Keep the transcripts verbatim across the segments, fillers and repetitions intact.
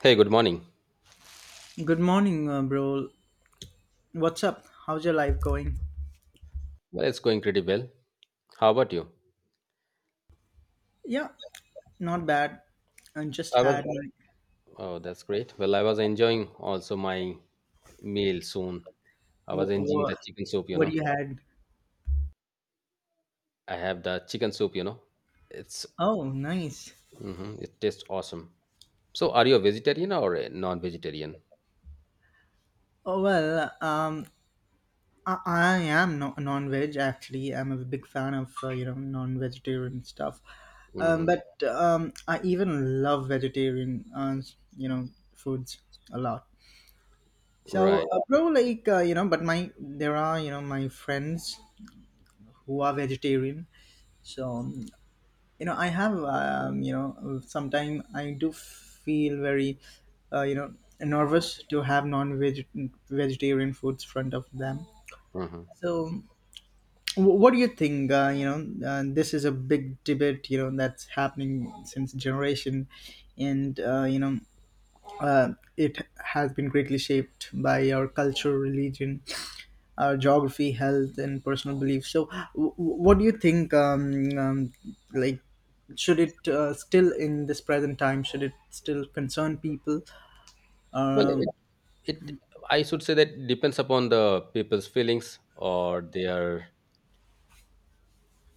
Hey, good morning. Good morning, uh, bro. What's up? How's your life going? Well, it's going pretty well. How about you? Yeah, not bad. I just I was. had Oh, that's great. Well, I was enjoying also my meal soon. I was enjoying What? the chicken soup, you what do know. you had? I have the chicken soup, you know. It's Oh, nice. hmm it tastes awesome. So, are you a vegetarian or a non-vegetarian? Oh well, um, I, I am no- non-veg actually. I'm a big fan of uh, you know non-vegetarian stuff. Um, Hmm. but um, I even love vegetarian uh, you know foods a lot. So, Right. uh, bro, like uh, you know, but my there are you know my friends who are vegetarian. So um, you know I have um, you know sometimes I do feel very uh, you know nervous to have non-veg vegetarian foods front of them. Hmm. So wh- what do you think? Uh, you know uh, this is a big debate, you know that's happening since generation, and uh, you know uh, it has been greatly shaped by our culture, religion, our geography, health, and personal beliefs. So, w- what do you think? Um, um, like, should it uh, still in this present time? Should it still concern people? Well, Um, it, it I should say that depends upon the people's feelings or their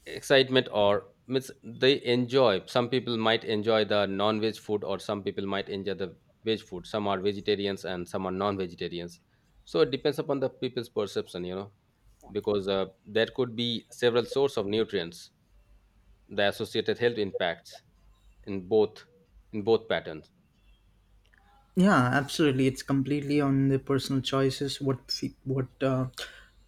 excitement, or means they enjoy. Some people might enjoy the non-veg food, or some people might enjoy the veg food. Some are vegetarians and some are non-vegetarians, so it depends upon the people's perception you know Because uh, there could be several source of nutrients, the associated health impacts in both in both patterns. Yeah, absolutely. It's completely on the personal choices. What fe- what uh,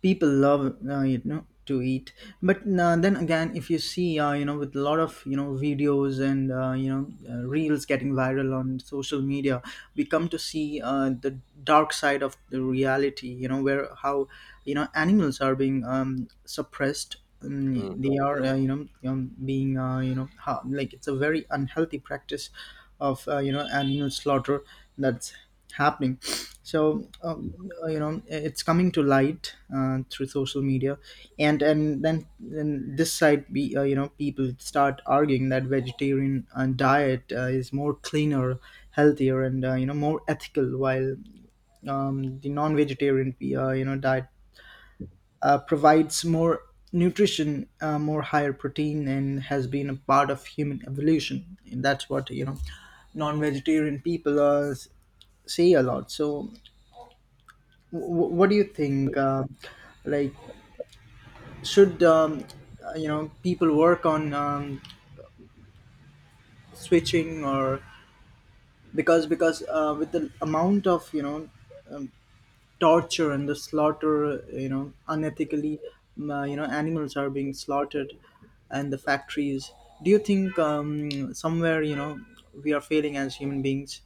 people love, uh, you know, to eat. But uh, then again, if you see, uh, you know, with a lot of you know videos and uh, you know uh, reels getting viral on social media, we come to see uh, the dark side of the reality. You know, where how you know animals are being um, suppressed, um, they Mhm. are uh, you know um, being uh, you know ha- like, it's a very unhealthy practice of uh, you know animal slaughter that's happening. So um, uh, you know it's coming to light uh, through social media. And and then, then this side be uh, you know people start arguing that vegetarian uh, diet uh, is more cleaner, healthier, and uh, you know more ethical, while um, the non-vegetarian uh, you know diet uh, provides more nutrition, uh, more higher protein, and has been a part of human evolution. That's what you know, non-vegetarian people uh, s- say a lot. So, w- what do you think? Uh, like, should um, uh, you know people work on um, switching, or because because uh, with the amount of you know um, torture and the slaughter, you know unethically, uh, you know animals are being slaughtered and the factories, do you think um, somewhere you know we are failing as human beings?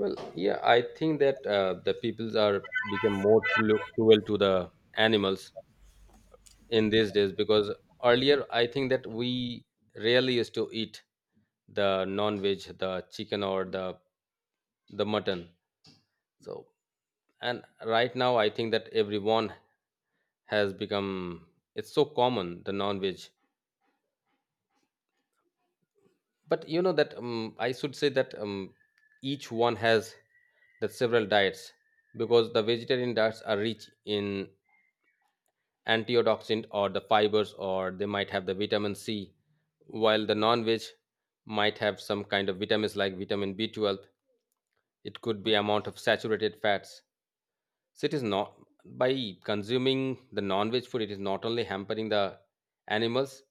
Well, yeah, I think that uh, the peoples are become more cru- cruel to the animals in these days, because earlier I think that we rarely used to eat the non-veg, the chicken, or the the mutton. So, and right now I think that everyone has become, it's so common, the non-veg. But you know that, um, I should say that, um, each one has the several diets, because the vegetarian diets are rich in antioxidant, or the fibers, or they might have the vitamin c, while the non-veg might have some kind of vitamins like vitamin b twelve. It could be amount of saturated fats. So it is not, by consuming the non-veg food, it is not only hampering the animals,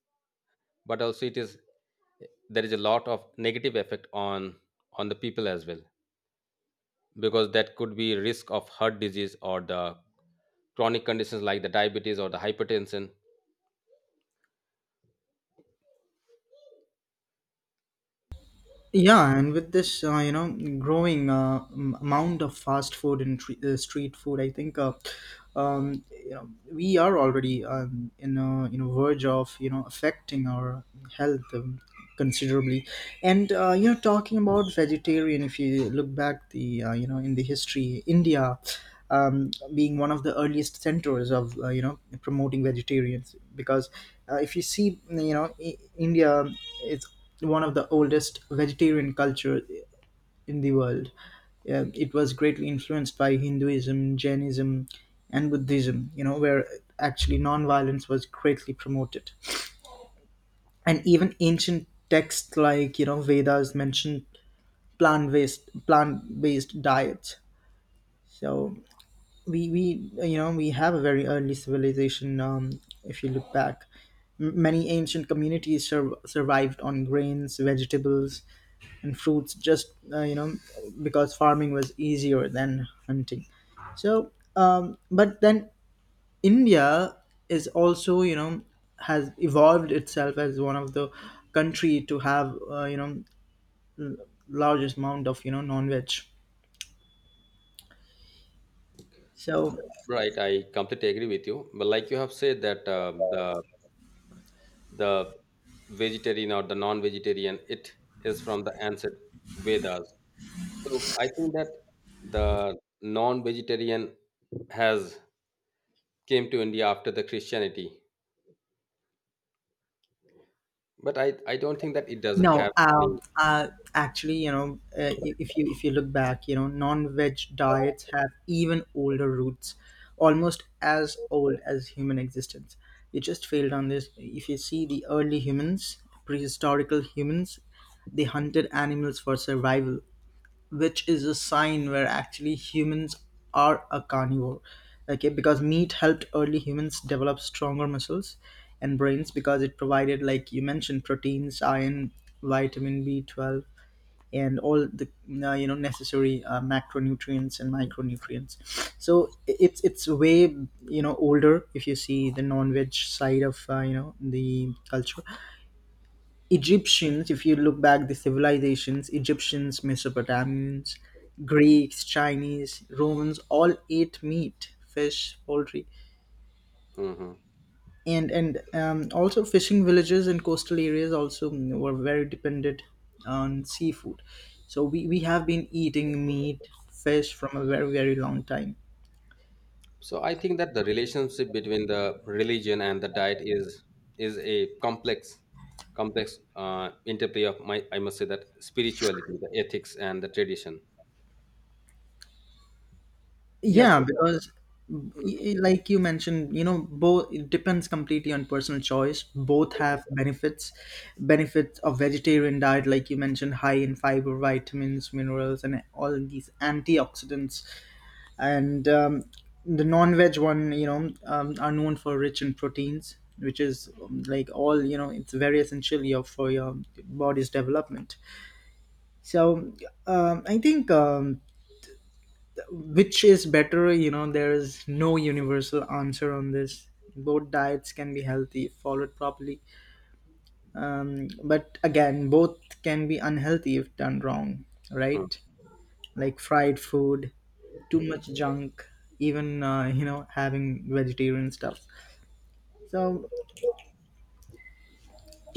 but also it is, there is a lot of negative effect on on the people as well, because that could be risk of heart disease or the chronic conditions like the diabetes or the hypertension. Yeah, and with this, uh, you know, growing uh, m- amount of fast food and tre- uh, street food, I think, uh, um, you know, we are already um, in a you know verge of you know affecting our health um, considerably. And uh, you know, talking about vegetarian, if you look back the uh, you know in the history, India. Um, being one of the earliest centers of uh, you know promoting vegetarians, because uh, if you see you know I- India, it's one of the oldest vegetarian culture in the world. Um, it was greatly influenced by Hinduism, Jainism, and Buddhism. You know, where actually non-violence was greatly promoted, and even ancient texts like you know Vedas mentioned plant-based plant-based diets. So we we you know we have a very early civilization. Um, if you look back, M- many ancient communities sur- survived on grains, vegetables, and fruits, just uh, you know because farming was easier than hunting. So um, but then India is also, you know has evolved itself as one of the country to have uh, you know largest amount of you know non-veg. So Right, I completely agree with you. But like you have said that uh, the the vegetarian or the non-vegetarian, it is from the ancient Vedas. So I think that the non-vegetarian has came to India after the Christianity. But I I don't think that it does No, have um, any. uh, actually, you know, uh, i- if you if you look back, you know, non-veg diets have even older roots, almost as old as human existence. You just failed on this. If you see the early humans, prehistorical humans, they hunted animals for survival, which is a sign where actually humans are a carnivore. Okay, because meat helped early humans develop stronger muscles and brains, because it provided, like you mentioned, proteins, iron, vitamin b twelve, and all the uh, you know necessary uh, macronutrients and micronutrients. So it's it's way you know older if you see the non-veg side of uh, you know the culture. Egyptians, if you look back the civilizations, Egyptians, Mesopotamians, Greeks, Chinese, Romans, all ate meat, fish, poultry, Mhm. and and um, also fishing villages and coastal areas also were very dependent on seafood. So we we have been eating meat, fish from a very very long time. So I think that the relationship between the religion and the diet is is a complex, complex uh, interplay of my, I must say that spirituality, the ethics, and the tradition. Yes. Yeah, because y- like you mentioned, you know, both, it depends completely on personal choice. Both have benefits. Benefits of vegetarian diet, like you mentioned, high in fiber, vitamins, minerals, and all these antioxidants. And um, the non-veg one, you know, um, are known for rich in proteins, which is um, like all, you know, it's very essential your- for your body's development. So um, I think. Um, which is better, you know, there is no universal answer on this. Both diets can be healthy if followed properly. Um, but again, both can be unhealthy if done wrong, Mm. right? Like fried food, too much junk, even, uh, you know, having vegetarian stuff. So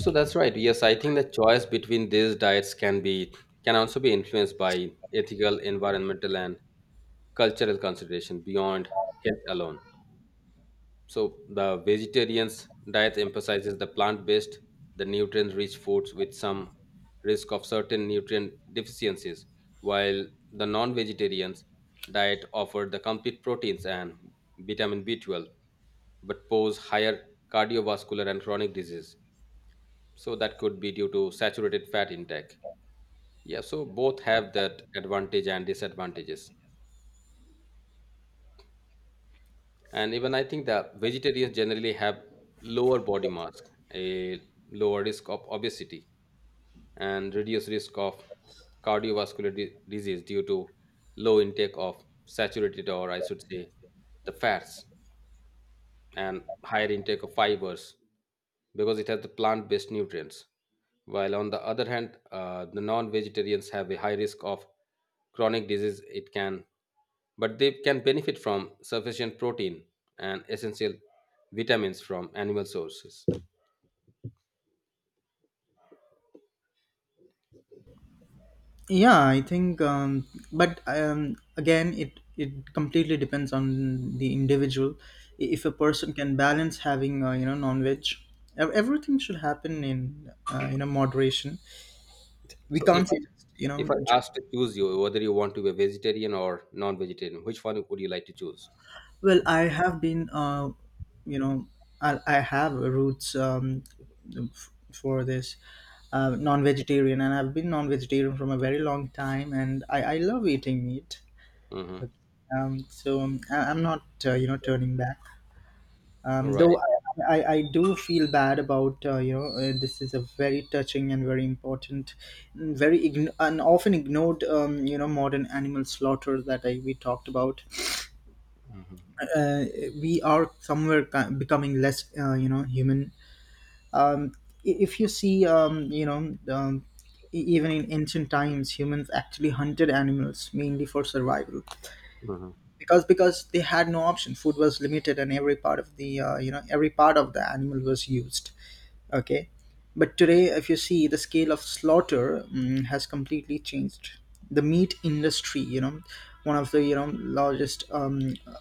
So that's right. Yes, I think the choice between these diets can be, can also be influenced by ethical, environmental, and cultural consideration beyond health alone. So the vegetarian's diet emphasizes the plant-based, the nutrient-rich foods with some risk of certain nutrient deficiencies, while the non-vegetarian's diet offered the complete proteins and vitamin b twelve, but pose higher cardiovascular and chronic disease. So that could be due to saturated fat intake. Yeah, so both have that advantage and disadvantages. And even I think that vegetarians generally have lower body mass, a lower risk of obesity, and reduced risk of cardiovascular di- disease due to low intake of saturated, or I should say the fats, and higher intake of fibers, because it has the plant based nutrients. While on the other hand, uh, the non vegetarians have a high risk of chronic disease, it can, but they can benefit from sufficient protein and essential vitamins from animal sources. yeah, I think, um, but um, again, it it completely depends on the individual. I- if a person can balance having uh, you know non-veg, ev- everything should happen in uh, you know moderation. We So, if can't say I, just you know if I just, asked to choose you whether you want to be a vegetarian or non vegetarian, which one would you like to choose? well, I have been uh, you know i, I have roots um, f- for this uh, non-vegetarian, and I've been non-vegetarian from a very long time, and i, I love eating meat. Hmm. Um, so um, I, I'm not uh, you know turning back, um, though Right. I, I, I do feel bad about uh, you know uh, this is a very touching and very important and very ign- and often ignored um, you know modern animal slaughter that I, we talked about. Hmm. uh, we are somewhere ki- becoming less uh, you know human. um, i- if you see, um, you know um, e- even in ancient times, humans actually hunted animals mainly for survival, because because they had no option, food was limited, and every part of the uh, you know every part of the animal was used. Okay. But today, if you see, the scale of slaughter mm, has completely changed. The meat industry, you know, one of the you know largest, um, uh,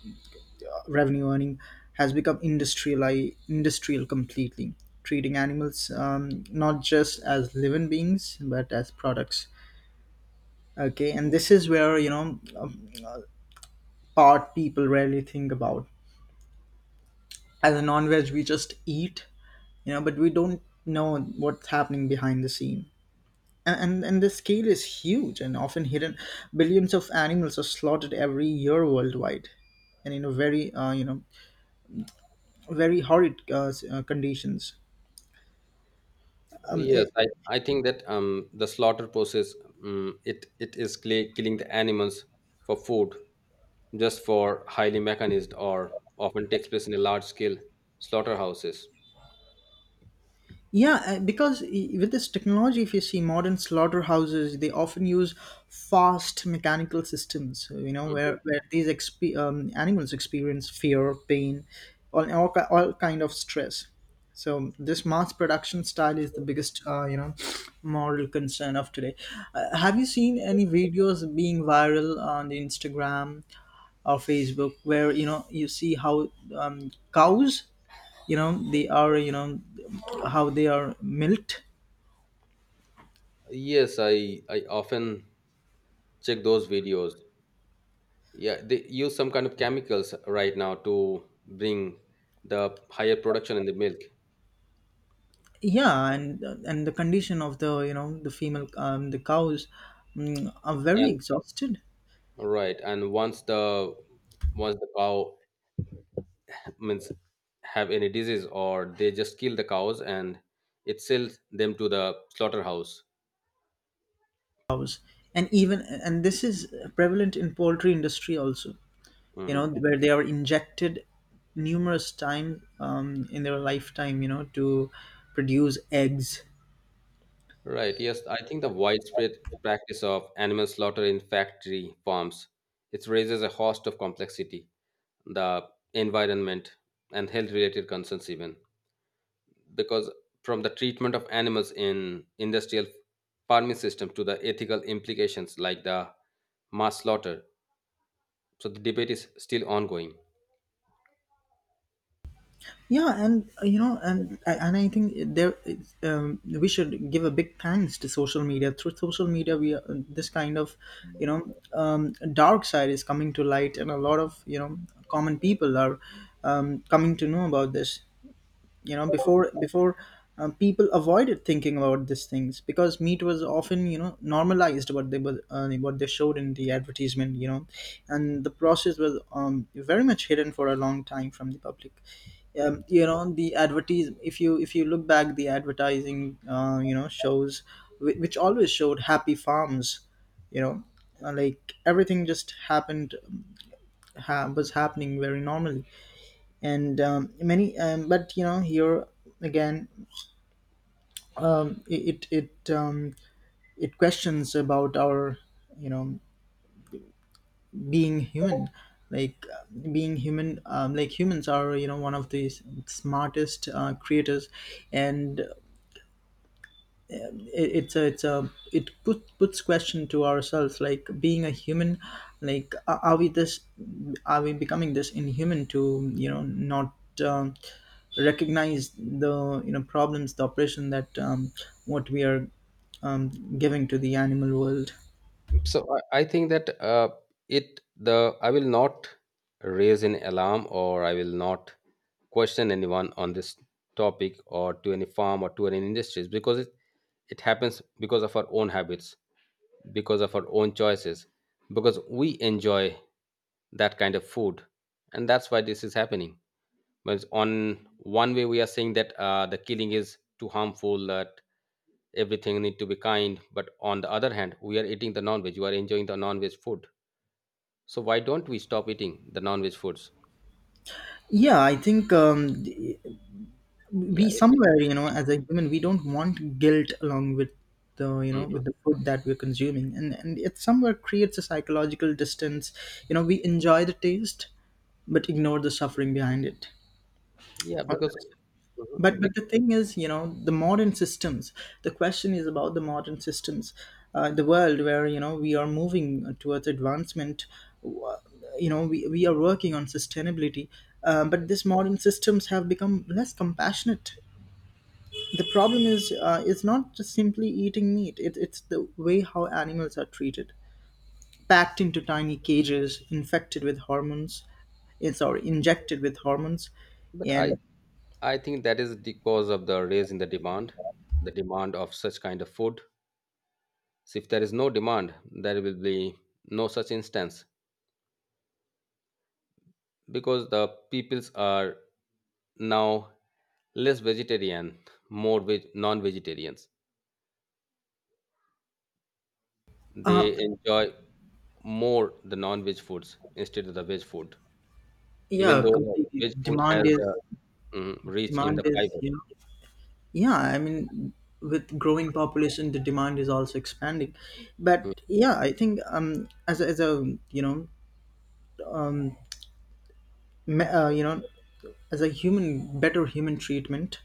revenue earning, has become industrialized, industrial completely, treating animals um, not just as living beings but as products. Okay, and this is where you know um, part people rarely think about. As a non-veg, we just eat, you know, but we don't know what's happening behind the scene. A- and and the scale is huge and often hidden, billions of animals are slaughtered every year worldwide, and in a very uh, you know very horrid uh, s- uh, conditions. um, Yes, i- I, I think that um, the slaughter process, um, it, it is cl- killing the animals for food, just for highly mechanized or often takes place in a large scale slaughterhouses. Yeah, uh, because i- with this technology, if you see modern slaughterhouses, they often use fast mechanical systems, you know, where, where these exp- um, animals experience fear, pain, all, all, ki- all kind of stress. So this mass production style is the biggest, uh, you know, moral concern of today. Uh, have you seen any videos being viral on the Instagram or Facebook where, you know, you see how um, cows, you know they are, you know how they are milked? Yes, I I often check those videos. Yeah, they use some kind of chemicals right now to bring the higher production in the milk. Yeah, and and the condition of the you know the female um, the cows, mm, are very And exhausted. right, and once the, once the cow, means, have any disease, or they just kill the cows and it sells them to the slaughterhouse. And even and this is prevalent in poultry industry also, you Hmm. know, where they are injected numerous times um, in their lifetime, you know to produce eggs. Right, yes, I think the widespread practice of animal slaughter in factory farms, it raises a host of complexity, the environment and health related concerns even, because from the treatment of animals in industrial farming system to the ethical implications like the mass slaughter, so the debate is still ongoing. Yeah, and uh, you know and I- and I think there is, um, we should give a big thanks to social media. Through social media we are, this kind of you know um, dark side is coming to light, and a lot of you know common people are um, coming to know about this. You know, before before um, people avoided thinking about these things, because meat was often you know normalized, what they were uh, what they showed in the advertisement, you know. And the process was um, very much hidden for a long time from the public. Um, you know the advertise if you if you look back the advertising uh, you know shows whi- which always showed happy farms, you know, uh, like everything just happened ha- was happening very normally. And um, many um, but you know, here again, it it it, um, it questions about our you know being human. Like uh, being human, um, like, humans are you know one of the smartest uh, creators. And it- it's a it's a it put, puts question to ourselves, like being a human, like a- are we this, are we becoming this inhuman to you know not um, recognize the you know problems, the oppression that um, what we are um, giving to the animal world? So I, I think that uh, it the I will not raise an alarm, or I will not question anyone on this topic, or to any farm or to any industries, because it it happens because of our own habits, because of our own choices, because we enjoy that kind of food, and that's why this is happening. But on one way we are saying that uh, the killing is too harmful, that everything need to be kind, but on the other hand we are eating the non-veg, you are enjoying the non-veg food, so why don't we stop eating the non-veg foods? Yeah, I think um, Yeah, we if somewhere, you know we, as a human, we don't want guilt along with the you know Mhm. with the food that we're consuming and and it somewhere creates a psychological distance. You know, we enjoy the taste but ignore the suffering behind it. Yeah, All- right. because, mhm, but bec- but the thing is, you know, the modern systems, the question is about the modern systems. Uh, the world where, you know, we are moving towards advancement. w- you know, we, we are working on sustainability. Uh, but these modern systems have become less compassionate. The problem is, uh, it's not just simply eating meat. It, it's the way how animals are treated, packed into tiny cages, infected with hormones, eh, sorry, injected with hormones, but and I I think that is the cause of the raise in the demand, the demand of such kind of food. So if there is no demand, there will be no such instance, because the peoples are now less vegetarian, more veg, non-vegetarians. uh, They enjoy more the non-veg foods instead of the veg food, even yeah, though the completely. veg The food has demand is, the, mhm, rich in demand the is, fiber. you know, yeah. I mean, with growing population, the demand is also expanding. But yeah, I think um as a, as a, you know, me, uh, you know, as a human, better human treatment.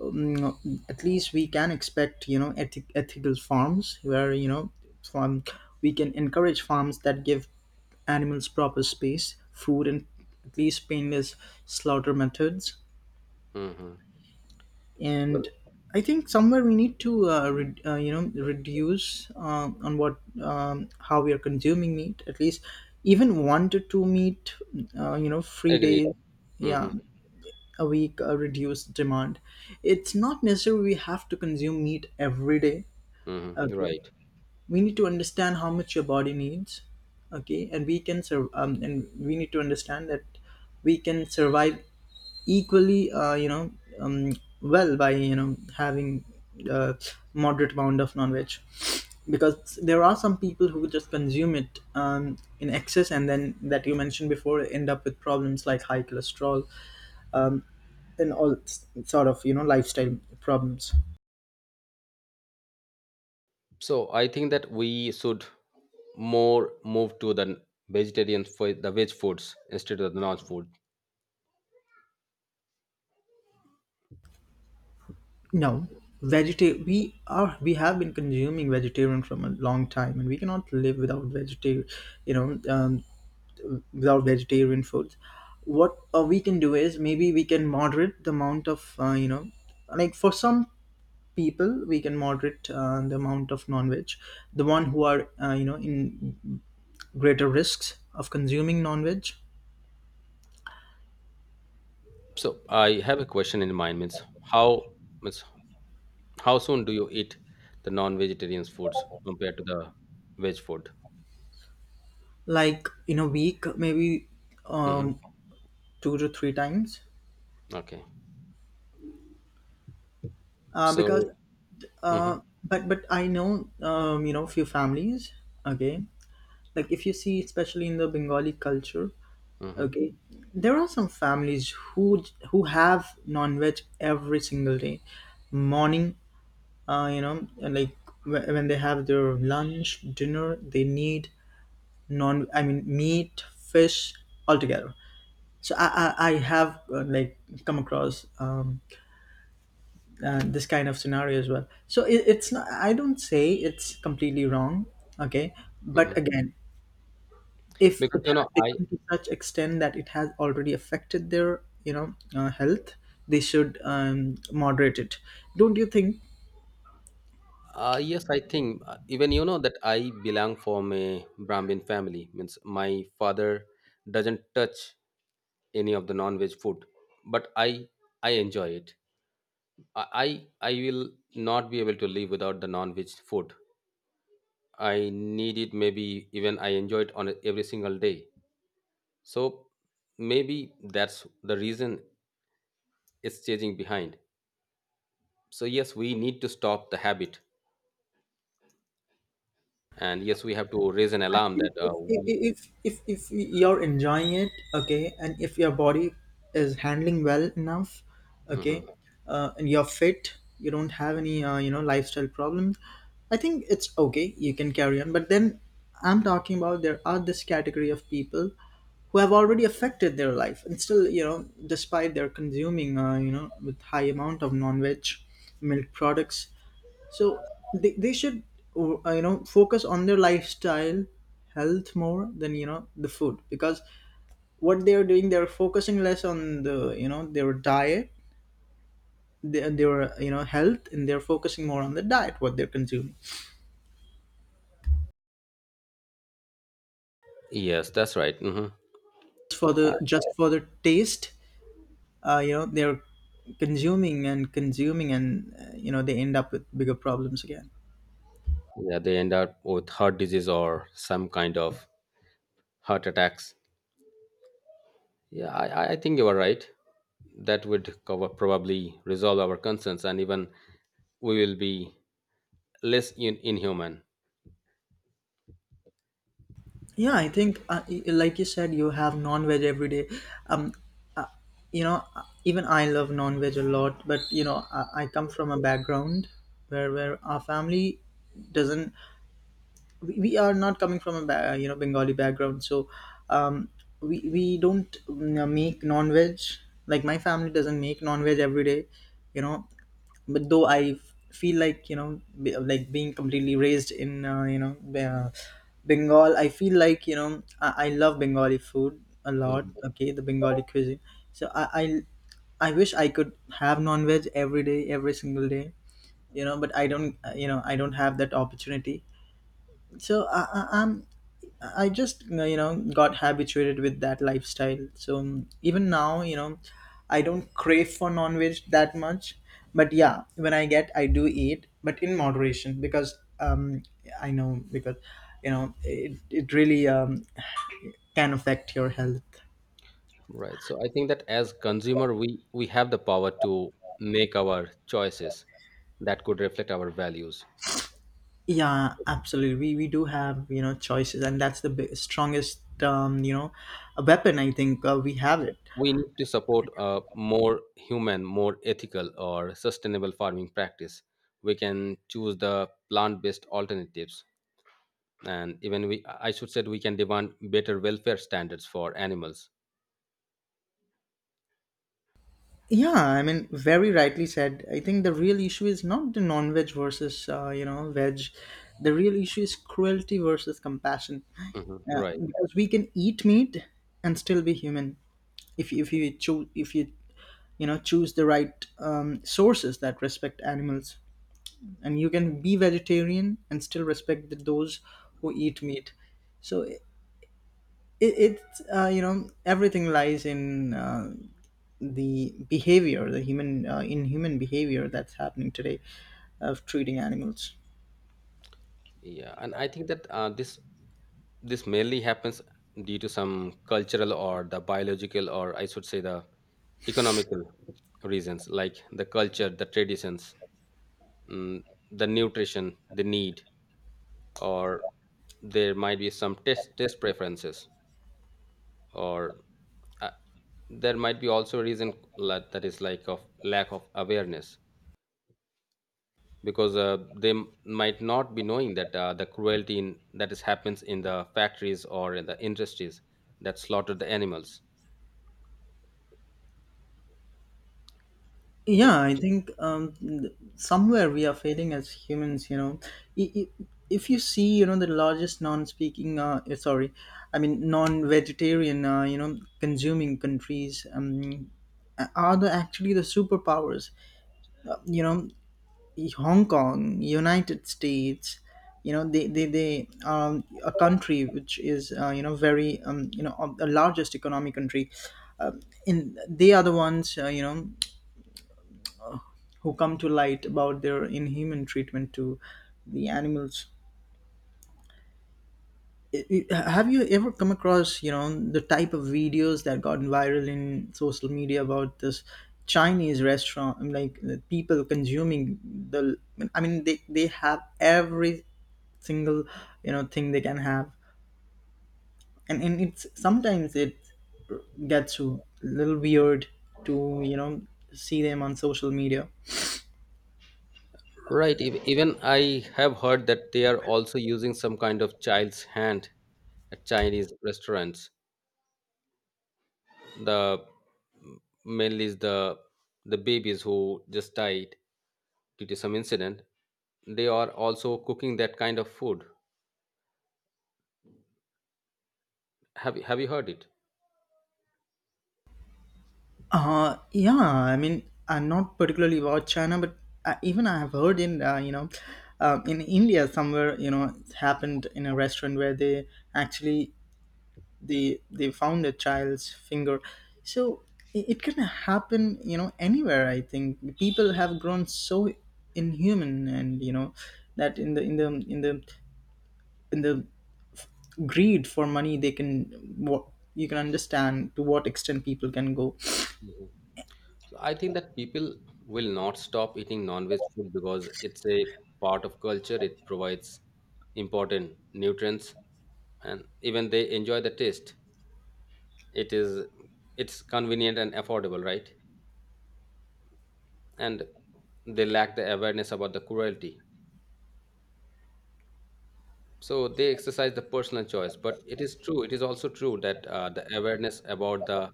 um, At least we can expect, you know, ethi- ethical farms where, you know, farm, we can encourage farms that give animals proper space, food, and at least painless slaughter methods. Mm-hmm. And I think somewhere we need to uh, re- uh, you know, reduce uh, on what, um, how we are consuming meat. At least even one to two meat, uh, you know, free Agreed. days, yeah, Hmm. a week, uh, reduced demand. It's not necessary we have to consume meat every day. Hmm. Okay, Right. we need to understand how much your body needs. Okay, and we can serve, um, and we need to understand that we can survive equally, uh, you know, um, well, by, you know, having a moderate amount of non-veg, because there are some people who just consume it, um, in excess, and then that you mentioned before end up with problems like high cholesterol, um, and all s- sort of, you know, lifestyle problems. So I think that we should more move to the vegetarian, for the veg foods instead of the non-food. No, vegeta, we are, we have been consuming vegetarian from a long time, and we cannot live without vegetarian, you know, um, without vegetarian foods. What uh, we can do is maybe we can moderate the amount of, uh, you know, like for some people, we can moderate uh, the amount of non-veg. The one who are, uh, you know, in greater risks of consuming non-veg, So I have a question in mind. Means how, means how soon do you eat the non-vegetarian foods compared to the veg food? like in a week maybe. Hmm. Um, Two to three times, Okay. uh, because So. Hmm. uh, but but I know, um, you know, few families, okay, like if you see especially in the Bengali culture, Hmm. okay, there are some families who who have non-veg every single day, morning, uh, you know, and like, wh- when they have their lunch, dinner, they need non, I mean meat, fish, altogether. So i i, I have, uh, like come across, um, uh, this kind of scenario as well. So it, it's not, I don't say it's completely wrong, okay? But Hmm. again, if Because it you know, has I, become to such extent that it has already affected their, you know, uh, health, they should, um, moderate it. Don't you think? uh, yes, I think uh, even you know that I belong from a Brahmin family. Means my father doesn't touch any of the non-veg food, but i i enjoy it. I i I will not be able to live without the non-veg food. I need it, maybe even I enjoy it on a- every single day. So maybe that's the reason it's changing behind. So yes, we need to stop the habit, and yes, we have to raise an I alarm think that if, uh, we. if if if you're enjoying it, okay, and if your body is handling well enough, okay, Mhm. uh, and you're fit, you don't have any, uh, you know, lifestyle problems, I think it's okay, you can carry on. But then I'm talking about, there are this category of people who have already affected their life, and still, you know, despite their consuming, uh, you know, with high amount of non-veg, milk products. So they, they should, uh, you know, focus on their lifestyle, health, more than, you know, the food. Because what they are doing, they're focusing less on the, you know, their diet, their, their you know, health, and they're focusing more on the diet, what they're consuming, Yes, that's right. Hmm. just for the uh, just for the taste. Uh, you know, they're consuming and consuming, and, uh, you know, they end up with bigger problems again. yeah, they end up with heart disease or some kind of heart attacks. Yeah, i i I think you are right. That would cover, probably resolve our concerns, and even we will be less in, inhuman. Yeah, I think, uh, y- like you said, you have non-veg every day. Um, uh, you know, uh, even I love non-veg a lot. But you know, I, I come from a background where where our family doesn't, we, we are not coming from a ba- you know, Bengali background. So, um, we we don't, mm, make non veg. Like my family doesn't make non veg every day, you know. But though I f- feel like, you know, be, like being completely raised in, uh, you know, Be- uh, Bengal, I feel like, you know, I, I love Bengali food a lot. Mhm. Okay, the Bengali cuisine. So I I, I wish I could have non veg every day, every single day, you know. But I don't, uh, you know, I don't have that opportunity. So I, I, I'm, I just, you know, got habituated with that lifestyle. So um, even now, you know, I don't crave for non-veg that much. But yeah, when I get, I do eat, but in moderation, because, um, I know, because you know, it, it really, um, can affect your health. Right. So I think that as consumer, we we have the power to make our choices that could reflect our values. Yeah, absolutely. We we do have, you know, choices, and that's the bi- strongest, um, you know, a weapon, I think, uh, we have So it. we need to support a more human, more ethical, or sustainable farming practice. We can choose the plant based alternatives, and even we, I should say, we can demand better welfare standards for animals. Yeah, I mean, very rightly said. I think the real issue is not the non-veg versus, uh, you know, veg. The real issue is cruelty versus compassion, Mhm. Uh, right. because we can eat meat and still be human, if you- if you choose, if you, you know, choose the right, um, sources that respect animals. And you can be vegetarian and still respect the, those who eat meat. So it, it uh, you know, everything lies in, uh, the behavior, the human, uh, in human behavior that's happening today of treating animals. Yeah, and I think that uh, this, this mainly happens due to some cultural or the biological, or I should say the economical reasons, like the culture, the traditions, mm, the nutrition, the need, or there might be some test test preferences, or uh, there might be also a reason la- that is like of lack of awareness, because uh, they m- might not be knowing that uh, the cruelty in, that is happens in the factories or in the industries that slaughter the animals. So Yeah, I think, um, th- somewhere we are failing as humans, you know. I- i- if you see, you know, the largest non-speaking uh, eh, sorry I mean non-vegetarian, uh, you know, consuming countries, um, a- are the actually the superpowers. Uh, you know, Hong Kong, United States, you know, they they they um, a country which is, uh, you know, very, um, you know, of the largest economic country. Uh, in, they are the ones, uh, you know, who come to light about their inhuman treatment to the animals. I- I- Have you ever come across, you know, the type of videos that gotten viral in social media about this Chinese restaurant? I mean, like the people consuming the. I mean, they they have every single, you know, thing they can have. and and it's sometimes it gets a little weird to you know see them on social media right, ev- even I have heard that they are also using some kind of child's hand at Chinese restaurants. The mainly is the the babies who just died due to some incident, they are also cooking that kind of food. Have you have you heard it? uh yeah I mean I'm not particularly about china but I, even I have heard in uh, you know, uh, in India somewhere, you know, it's happened in a restaurant where they actually, they they found a child's finger. So I- it can happen, you know, anywhere. I think people have grown so inhuman, and you know, that in the in the in the in the greed for money, they can, what, you can understand to what extent people can go. So I think that people will not stop eating non-veg food because it's a part of culture. It provides important nutrients, and even they enjoy the taste. It is, it's convenient and affordable, right? And they lack the awareness about the cruelty. So they exercise the personal choice. But it is true. It is also true that uh, the awareness about the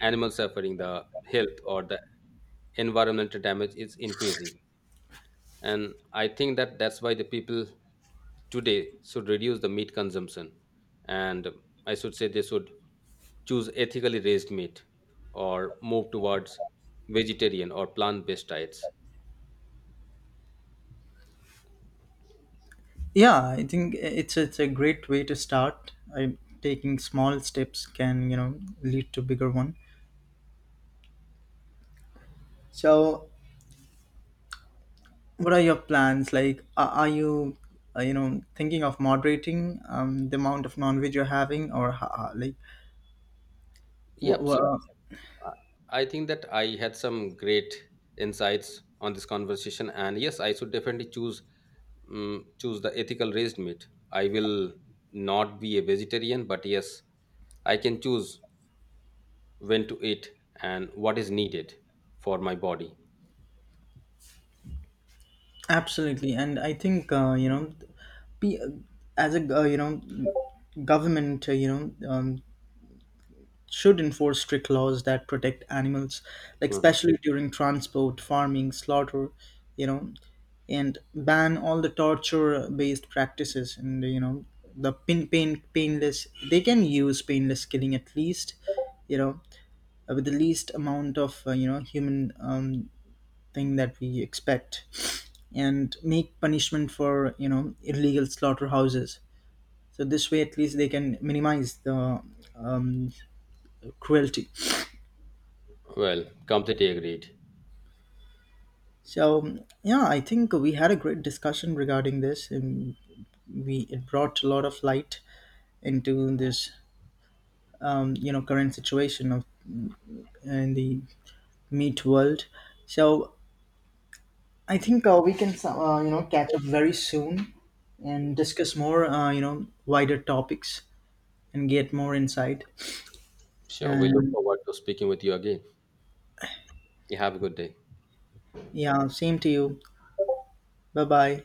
animal suffering, the health, or the environmental damage is increasing. And I think that that's why the people today should reduce the meat consumption, and I should say they should choose ethically raised meat, or move towards vegetarian or plant-based diets. Yeah, I think it's it's a great way to start. I, taking small steps can, you know, lead to bigger one. So what are your plans? Like, are, are you, uh, you know, thinking of moderating, um, the amount of non-veg you're having, or ho- ho- like wha- Yep, so wha- uh, I think that I had some great insights on this conversation, and yes I should definitely choose um, choose the ethical raised meat. I will not be a vegetarian, but yes I can choose when to eat, and what is needed for my body. absolutely. And I think, uh, you know, be, as a, uh, you know, government, uh, you know, um, should enforce strict laws that protect animals, like Mhm. especially during transport, farming, slaughter, you know, and ban all the torture based practices. And you know, the pin pain painless, they can use painless killing at least, you know, uh, with the least amount of, uh, you know, human, um, thing that we expect. And make punishment for, you know, illegal slaughterhouses. So this way, at least they can minimize the, um, cruelty. Well, completely agreed. So yeah, I think we had a great discussion regarding this, and we, it brought a lot of light into this, um, you know, current situation of, in the meat world. So I think, uh, we can, uh, you know, catch up very soon and discuss more, uh, you know, wider topics and get more insight. Sure, we look And forward to speaking with you again. You have a good day. yeah, same to you. Bye bye.